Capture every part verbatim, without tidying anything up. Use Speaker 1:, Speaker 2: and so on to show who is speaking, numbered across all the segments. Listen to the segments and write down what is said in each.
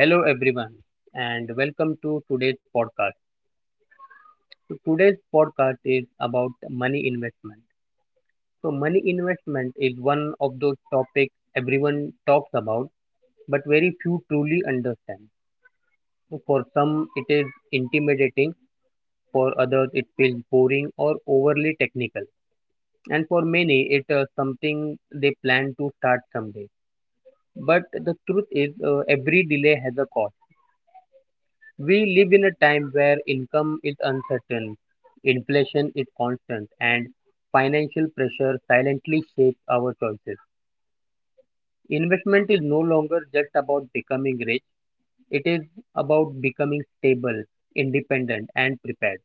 Speaker 1: Hello everyone and welcome to today's podcast. So today's podcast is about money investment. So money investment is one of those topics everyone talks about but very few truly understand. So for some it is intimidating, for others it feels boring or overly technical. And for many it is something they plan to start someday. But the truth is, uh, every delay has a cost. We live in a time where income is uncertain, inflation is constant, and financial pressure silently shapes our choices. Investment is no longer just about becoming rich, it is about becoming stable, independent, and prepared.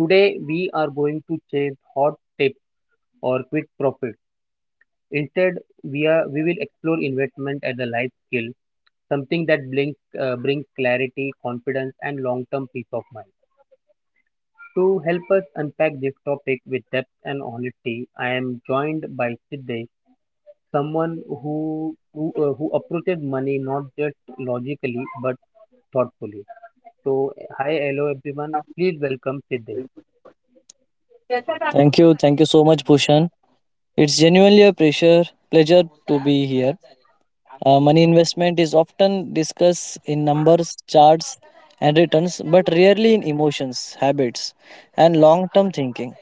Speaker 1: Today, we are going to chase hot tips or quick profits. Instead, we, are, we will explore investment as a life skill, something that brings, uh, brings clarity, confidence, and long term peace of mind. To help us unpack this topic with depth and honesty, I am joined by Siddesh, someone who who, uh, who approaches money not just logically but thoughtfully. So, hi, hello everyone. Please welcome Siddesh.
Speaker 2: Thank you. Thank you so much, Bhushan. It's genuinely a pleasure, pleasure to be here. Uh, money investment is often discussed in numbers, charts, and returns, but rarely in emotions, habits, and long term thinking.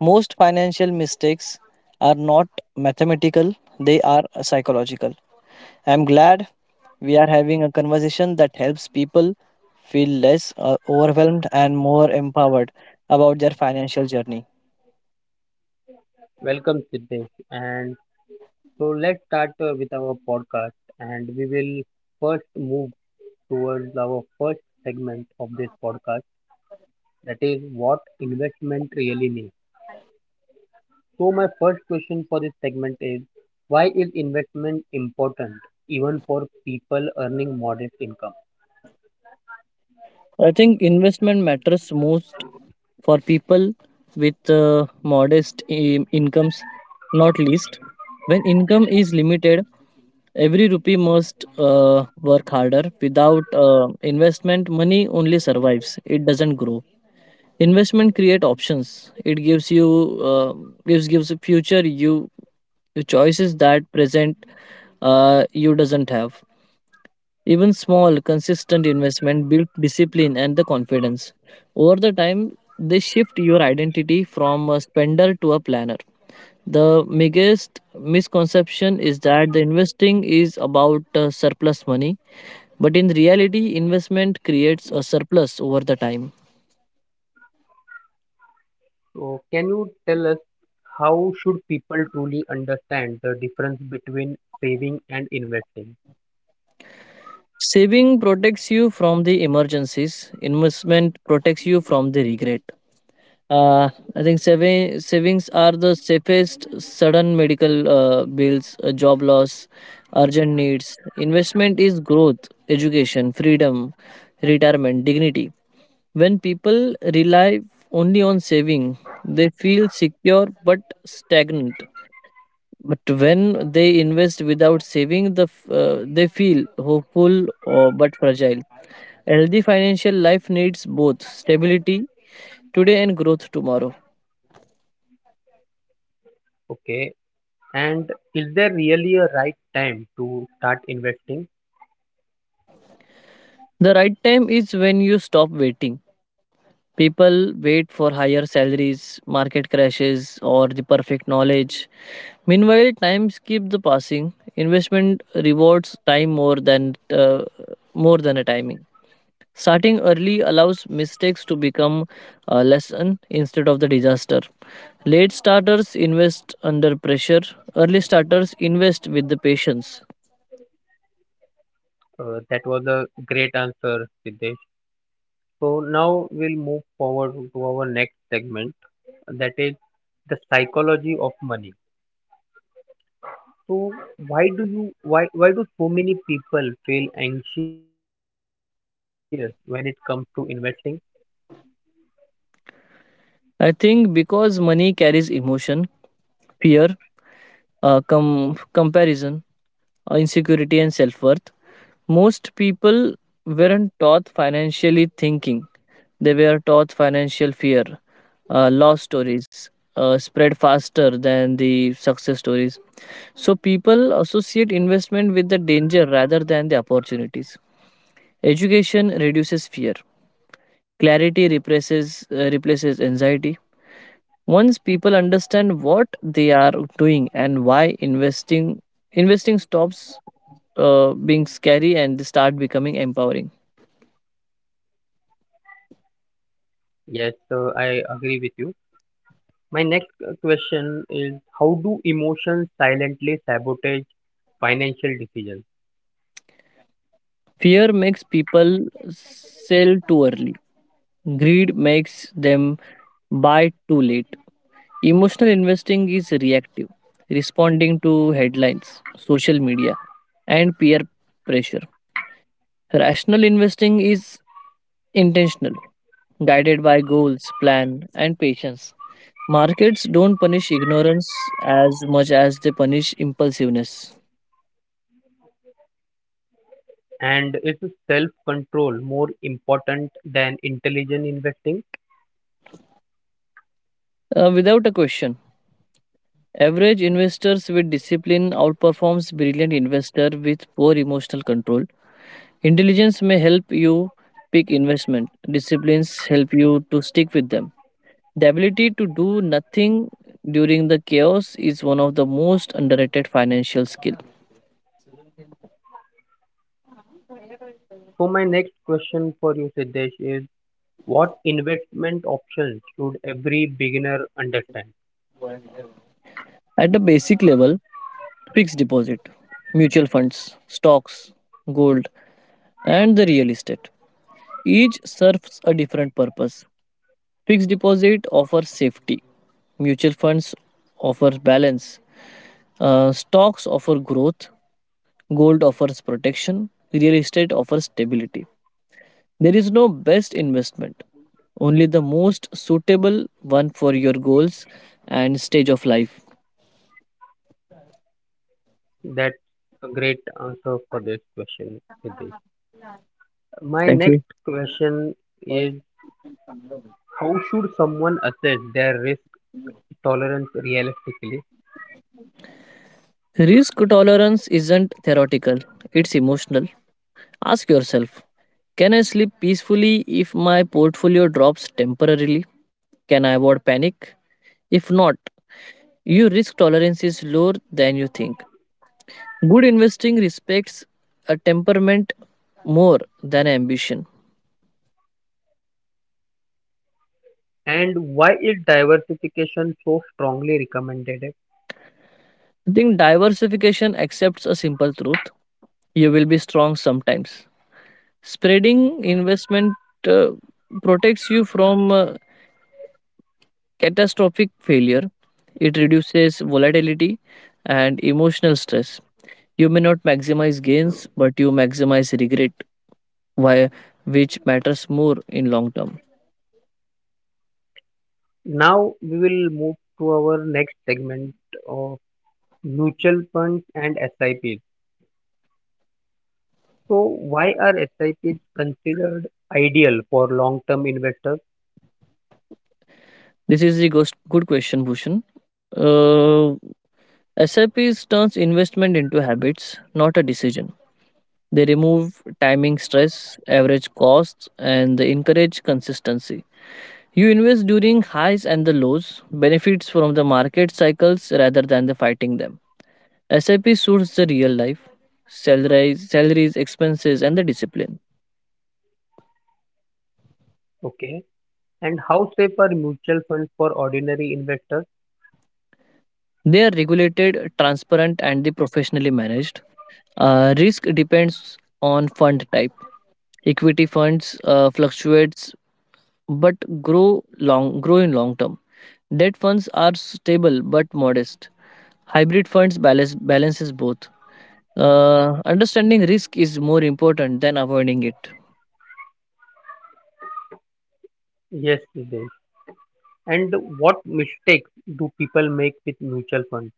Speaker 2: Most financial mistakes are not mathematical, they are psychological. I'm glad we are having a conversation that helps people feel less uh, overwhelmed and more empowered about their financial journey.
Speaker 1: Welcome Siddesh. And so let's start uh, with our podcast, and we will first move towards our first segment of this podcast. That is what investment really means. So, my first question for this segment is, why is investment important even for people earning modest income?
Speaker 2: I think investment matters most for people with uh, modest um, incomes, not least. When income is limited, every rupee must uh, work harder. Without uh, investment, money only survives; it doesn't grow. Investment create options. It gives you uh, gives gives a future you you choices that present uh, you doesn't have. Even small, consistent investment build discipline and the confidence. Over the time, they shift your identity from a spender to a planner. The biggest misconception is that the investing is about uh, surplus money, but in reality, investment creates a surplus over the time.
Speaker 1: So, can you tell us how should people truly understand the difference between saving and investing?
Speaker 2: Saving protects you from the emergencies, investment protects you from the regret. Uh, I think savi- savings are the safest sudden medical uh, bills, uh, job loss, urgent needs. Investment is growth, education, freedom, retirement, dignity. When people rely only on saving, they feel secure but stagnant. But when they invest without saving, the f- uh, they feel hopeful or but fragile. A healthy financial life needs both stability today and growth tomorrow.
Speaker 1: Okay, and is there really a right time to start investing?
Speaker 2: The right time is when you stop waiting. People wait for higher salaries, market crashes, or the perfect knowledge. Meanwhile, times keep the passing. Investment rewards time more than uh, more than a timing. Starting early allows mistakes to become a lesson instead of the disaster. Late starters invest under pressure. Early starters invest with the patience.
Speaker 1: Uh, that was a great answer, Siddesh. So, now we'll move forward to our next segment, that is the psychology of money. So why do you why why do so many people feel anxious when it comes to investing?
Speaker 2: I think because money carries emotion, fear, uh, com- comparison, uh, insecurity, and self worth. Most people weren't taught financially thinking, they were taught financial fear, uh, loss stories. Uh, spread faster than the success stories. So, people associate investment with the danger rather than the opportunities. Education reduces fear, clarity replaces, uh, replaces anxiety. Once people understand what they are doing and why investing investing stops uh, being scary and start becoming empowering.
Speaker 1: Yes, uh, I agree with you. My next uh, question is, how do emotions silently sabotage financial decisions?
Speaker 2: Fear makes people sell too early, greed makes them buy too late. Emotional investing is reactive, responding to headlines, social media, and peer pressure. Rational investing is intentional, guided by goals, plan, and patience. Markets don't punish ignorance as much as they punish impulsiveness.
Speaker 1: And is self-control more important than intelligent investing?
Speaker 2: Uh, without a question, average investors with discipline outperforms brilliant investor with poor emotional control. Intelligence may help you pick investment. Disciplines help you to stick with them. The ability to do nothing during the chaos is one of the most underrated financial skill.
Speaker 1: So my next question for you, Siddesh, is what investment options should every beginner understand?
Speaker 2: At the basic level, fixed deposit, mutual funds, stocks, gold, and the real estate each serves a different purpose. Fixed deposit offers safety. Mutual funds offer balance. Uh, stocks offer growth. Gold offers protection. Real estate offers stability. There is no best investment, only the most suitable one for your goals and stage of life.
Speaker 1: That's a great answer for this question, Siddesh. My
Speaker 2: Thank you.
Speaker 1: next question is, how should someone assess their risk tolerance realistically,
Speaker 2: Risk tolerance isn't theoretical, it's emotional. Ask yourself, can I sleep peacefully if my portfolio drops temporarily? Can I avoid panic? If not, your risk tolerance is lower than you think. Good investing respects a temperament more than ambition.
Speaker 1: and why is diversification so strongly recommended?
Speaker 2: I think diversification accepts a simple truth. You will be strong sometimes. Spreading investment uh, protects you from uh, catastrophic failure. It reduces volatility and emotional stress. You may not maximize gains, but you maximize regret, why, which matters more in long term.
Speaker 1: Now we will move to our next segment, of mutual funds and SIPs. So why are SIPs considered ideal for long-term investors?
Speaker 2: This is the ghost- good question, Bhushan. Uh, S I Ps turns investment into habits, not a decision. They remove timing stress, average costs, and they encourage consistency. You invest during highs and the lows, benefits from the market cycles rather than the fighting them. S I P suits the real life, salaries, salaries, expenses, and the discipline.
Speaker 1: Okay. And how safe are mutual funds for ordinary investors?
Speaker 2: They are regulated, transparent, and the professionally managed. Uh, risk depends on fund type. Equity funds uh, fluctuates but grow long grow in long term. Debt funds are stable but modest. Hybrid funds balance balances both. Uh, understanding risk is more important than avoiding it.
Speaker 1: Yes, Nidhesh. And what mistakes do people make with mutual funds?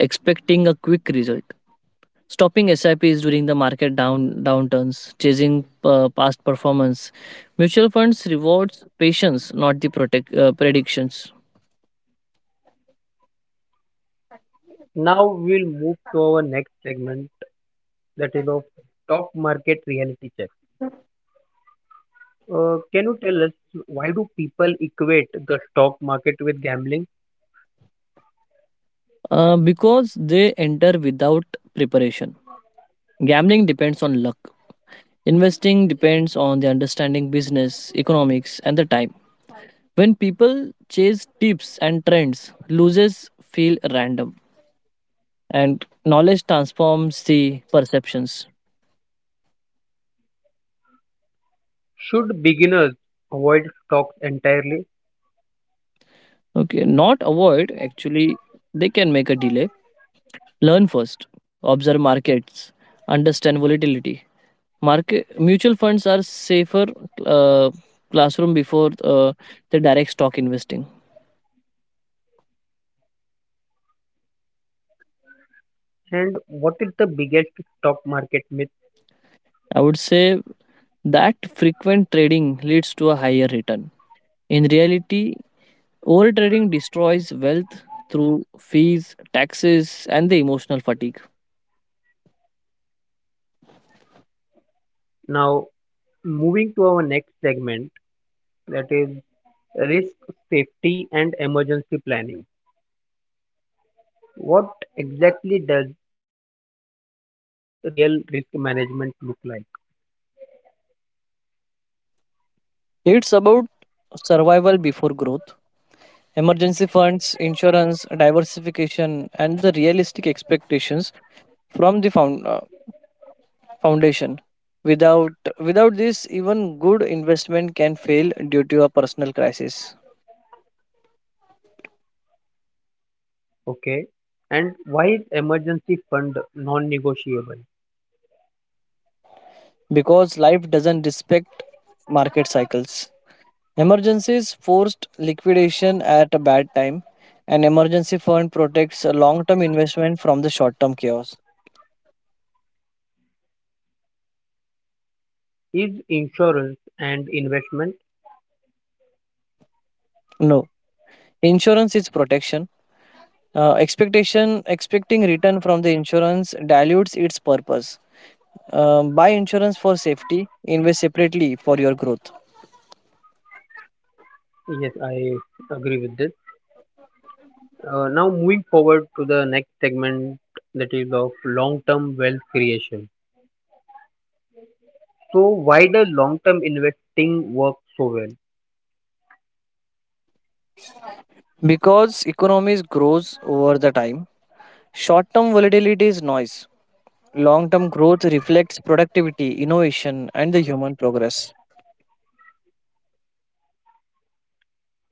Speaker 2: Expecting a quick result. Stopping S I Ps during the market down downturns, chasing uh, past performance. Mutual funds rewards patience, not the protect, uh, predictions.
Speaker 1: Now we'll move to our next segment, that is of stock market reality check. Uh, can you tell us why do people equate the stock market with gambling?
Speaker 2: Uh, because they enter without preparation. Gambling depends on luck. Investing depends on the understanding business, economics, and the time. When people chase tips and trends, losers feel random, and knowledge transforms the perceptions.
Speaker 1: Should beginners avoid stocks entirely?
Speaker 2: Okay, not avoid, actually, they can make a delay. Learn first, observe markets, understand volatility. Market mutual funds are safer uh, classroom before uh, the direct stock investing.
Speaker 1: And what is the biggest stock market myth?
Speaker 2: I would say that frequent trading leads to a higher return. In reality, overtrading destroys wealth through fees, taxes, and the emotional fatigue.
Speaker 1: Now, moving to our next segment, that is risk, safety, and emergency planning. What exactly does real risk management look like?
Speaker 2: It's about survival before growth, emergency funds, insurance, diversification, and the realistic expectations from the found, uh, foundation. Without without this, even good investment can fail due to a personal crisis
Speaker 1: Okay. And why is emergency fund non-negotiable?
Speaker 2: because life doesn't respect market cycles. Emergencies forced liquidation at a bad time. An emergency fund protects a long term investment from the short term chaos.
Speaker 1: Is insurance and investment?
Speaker 2: No, insurance is protection. Uh, expectation expecting return from the insurance dilutes its purpose. Uh, buy insurance for safety, invest separately for your growth.
Speaker 1: Yes, I agree with this. Uh, now moving forward to the next segment, that is of long-term wealth creation. So why does long-term investing work so well?
Speaker 2: Because economies grows over the time, short-term volatility is noise. Long-term growth reflects productivity, innovation, and the human progress.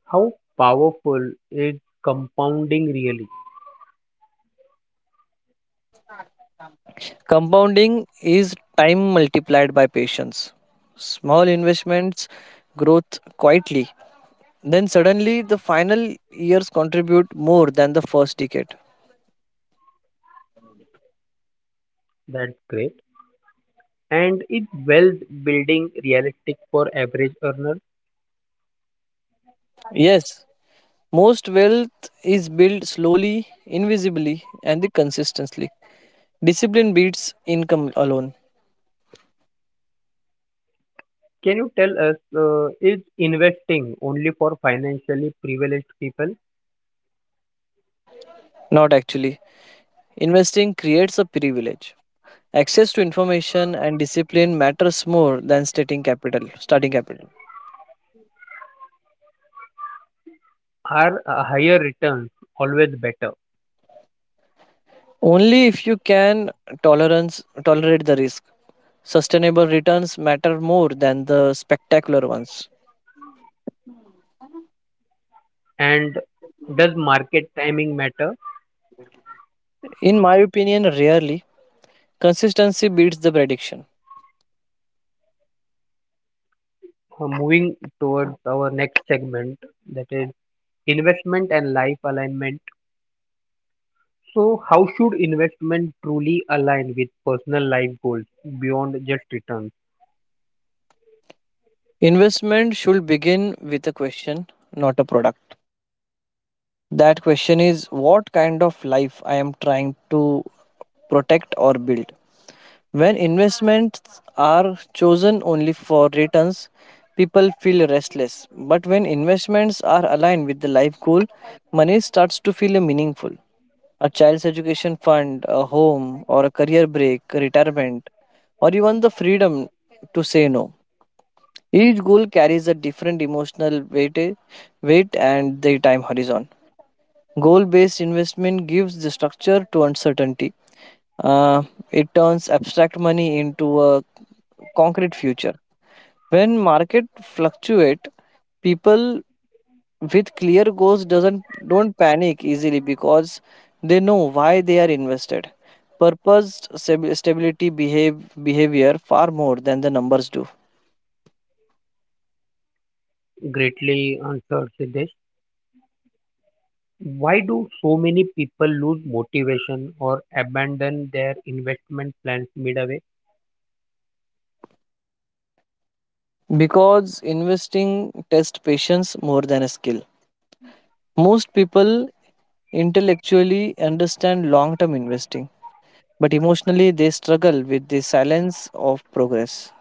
Speaker 1: How powerful is compounding really?
Speaker 2: Compounding is time multiplied by patience. Small investments growth quietly. Then suddenly the final years contribute more than the first decade.
Speaker 1: That's great. And is wealth building realistic for average earner?
Speaker 2: Yes, most wealth is built slowly, invisibly, and consistently. Discipline beats income alone,
Speaker 1: Can you tell us, uh, is investing only for financially privileged people?
Speaker 2: not actually. Investing creates a privilege. Access to information and discipline matters more than starting capital. Starting capital.
Speaker 1: Are uh, higher returns always better?
Speaker 2: Only if you can tolerance tolerate the risk. Sustainable returns matter more than the spectacular ones.
Speaker 1: And does market timing matter?
Speaker 2: In my opinion, rarely consistency beats the prediction.
Speaker 1: Uh, moving towards our next segment, that is investment and life alignment. So, how should investment truly align with personal life goals beyond just returns?
Speaker 2: Investment should begin with a question, not a product. That question is what kind of life I am trying to protect or build. When investments are chosen only for returns, people feel restless. But when investments are aligned with the life goal, money starts to feel meaningful. A child's education fund, a home, or a career break, retirement, or even the freedom to say no. Each goal carries a different emotional weight, weight and the time horizon. Goal based investment gives the structure to uncertainty. Uh, it turns abstract money into a concrete future. When market fluctuate, people with clear goals doesn't don't panic easily because they know why they are invested. Purpose stab- stability behave behavior far more than the numbers do.
Speaker 1: Greatly answered Siddesh. Why do so many people lose motivation or abandon their investment plans midway?
Speaker 2: Because investing tests patience more than a skill. Most people intellectually understand long term investing, but emotionally they struggle with the silence of progress.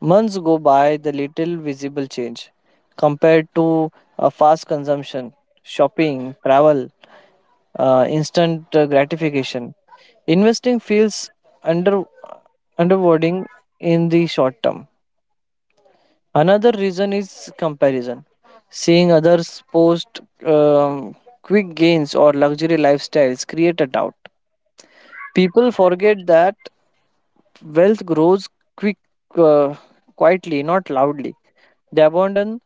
Speaker 2: Months go by, the little visible change compared to a fast consumption, shopping, travel, uh, instant uh, gratification. Investing feels under underwording in the short term. Another reason is comparison. Seeing others post um, quick gains or luxury lifestyles create a doubt. People forget that wealth grows quick, uh, quietly, not loudly. They abandon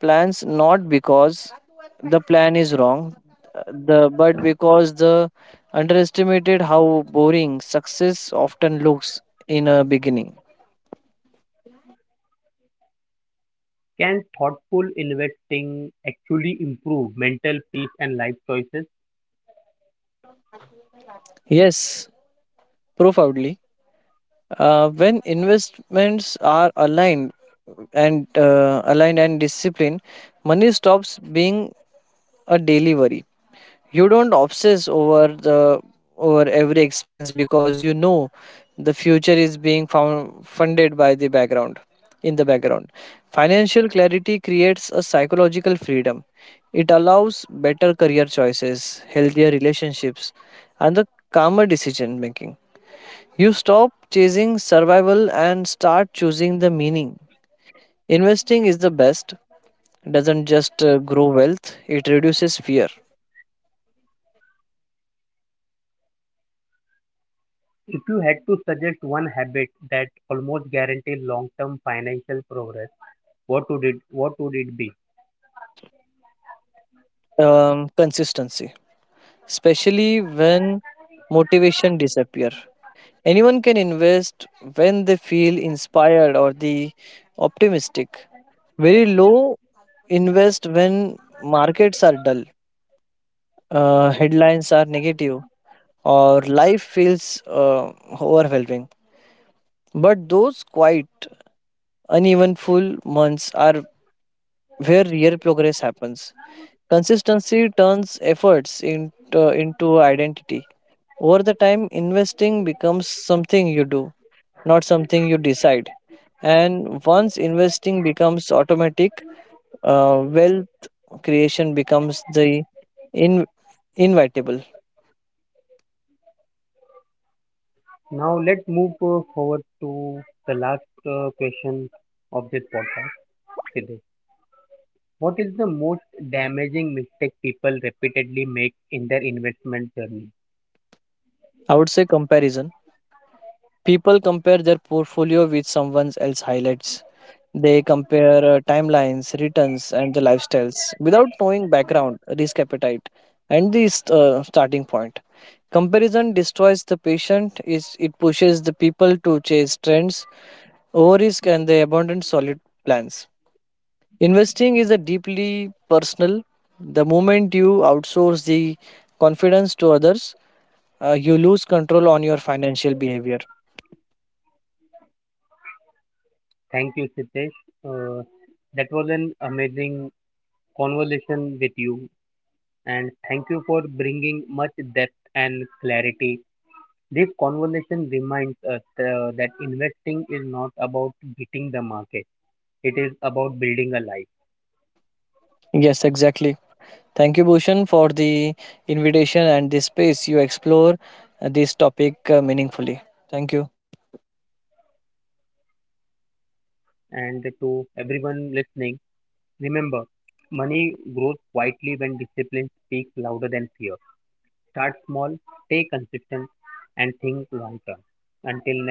Speaker 2: plans not because the plan is wrong, uh, the but because the underestimated how boring success often looks in a beginning.
Speaker 1: Can thoughtful investing actually improve mental peace and life choices?
Speaker 2: Yes, profoundly. Uh, when investments are aligned and uh, aligned and disciplined, money stops being a daily worry. You don't obsess over the over every expense because you know the future is being found, funded by the background in the background. Financial clarity creates a psychological freedom. It allows better career choices, healthier relationships, and the calmer decision making. You stop chasing survival and start choosing the meaning. Investing is the best, doesn't just uh, grow wealth, it reduces fear.
Speaker 1: If you had to suggest one habit that almost guarantees long-term financial progress, what would it what would it be?
Speaker 2: Um, consistency, especially when motivation disappear. Anyone can invest when they feel inspired or the optimistic. Very low invest when markets are dull, uh, headlines are negative, or life feels uh, overwhelming. But those quiet uneven full months are where real progress happens. Consistency turns efforts in, uh, into identity. Over the time, investing becomes something you do, not something you decide. And once investing becomes automatic, uh, wealth creation becomes the in- inevitable.
Speaker 1: Now let's move uh, forward to the last uh, question of this podcast. Siddesh. What is the most damaging mistake people repeatedly make in their investment journey?
Speaker 2: I would say comparison. People compare their portfolio with someone else's highlights. They compare uh, timelines, returns, and the lifestyles without knowing background, risk appetite, and the st- uh, starting point. Comparison destroys the patient. Is it pushes the people to chase trends over risk and they abandon solid plans. Investing is a deeply personal. The moment you outsource the confidence to others, uh, you lose control on your financial behavior.
Speaker 1: Thank you, Sitesh. Uh, that was an amazing conversation with you, and thank you for bringing much depth and clarity. This conversation reminds us uh, that investing is not about beating the market, it is about building a life.
Speaker 2: Yes, exactly. Thank you, Bhushan, for the invitation and the space you explore uh, this topic uh, meaningfully. Thank you.
Speaker 1: And to everyone listening, remember, money grows quietly when discipline speaks louder than fear. Start small, stay consistent, and think long term. Until next time.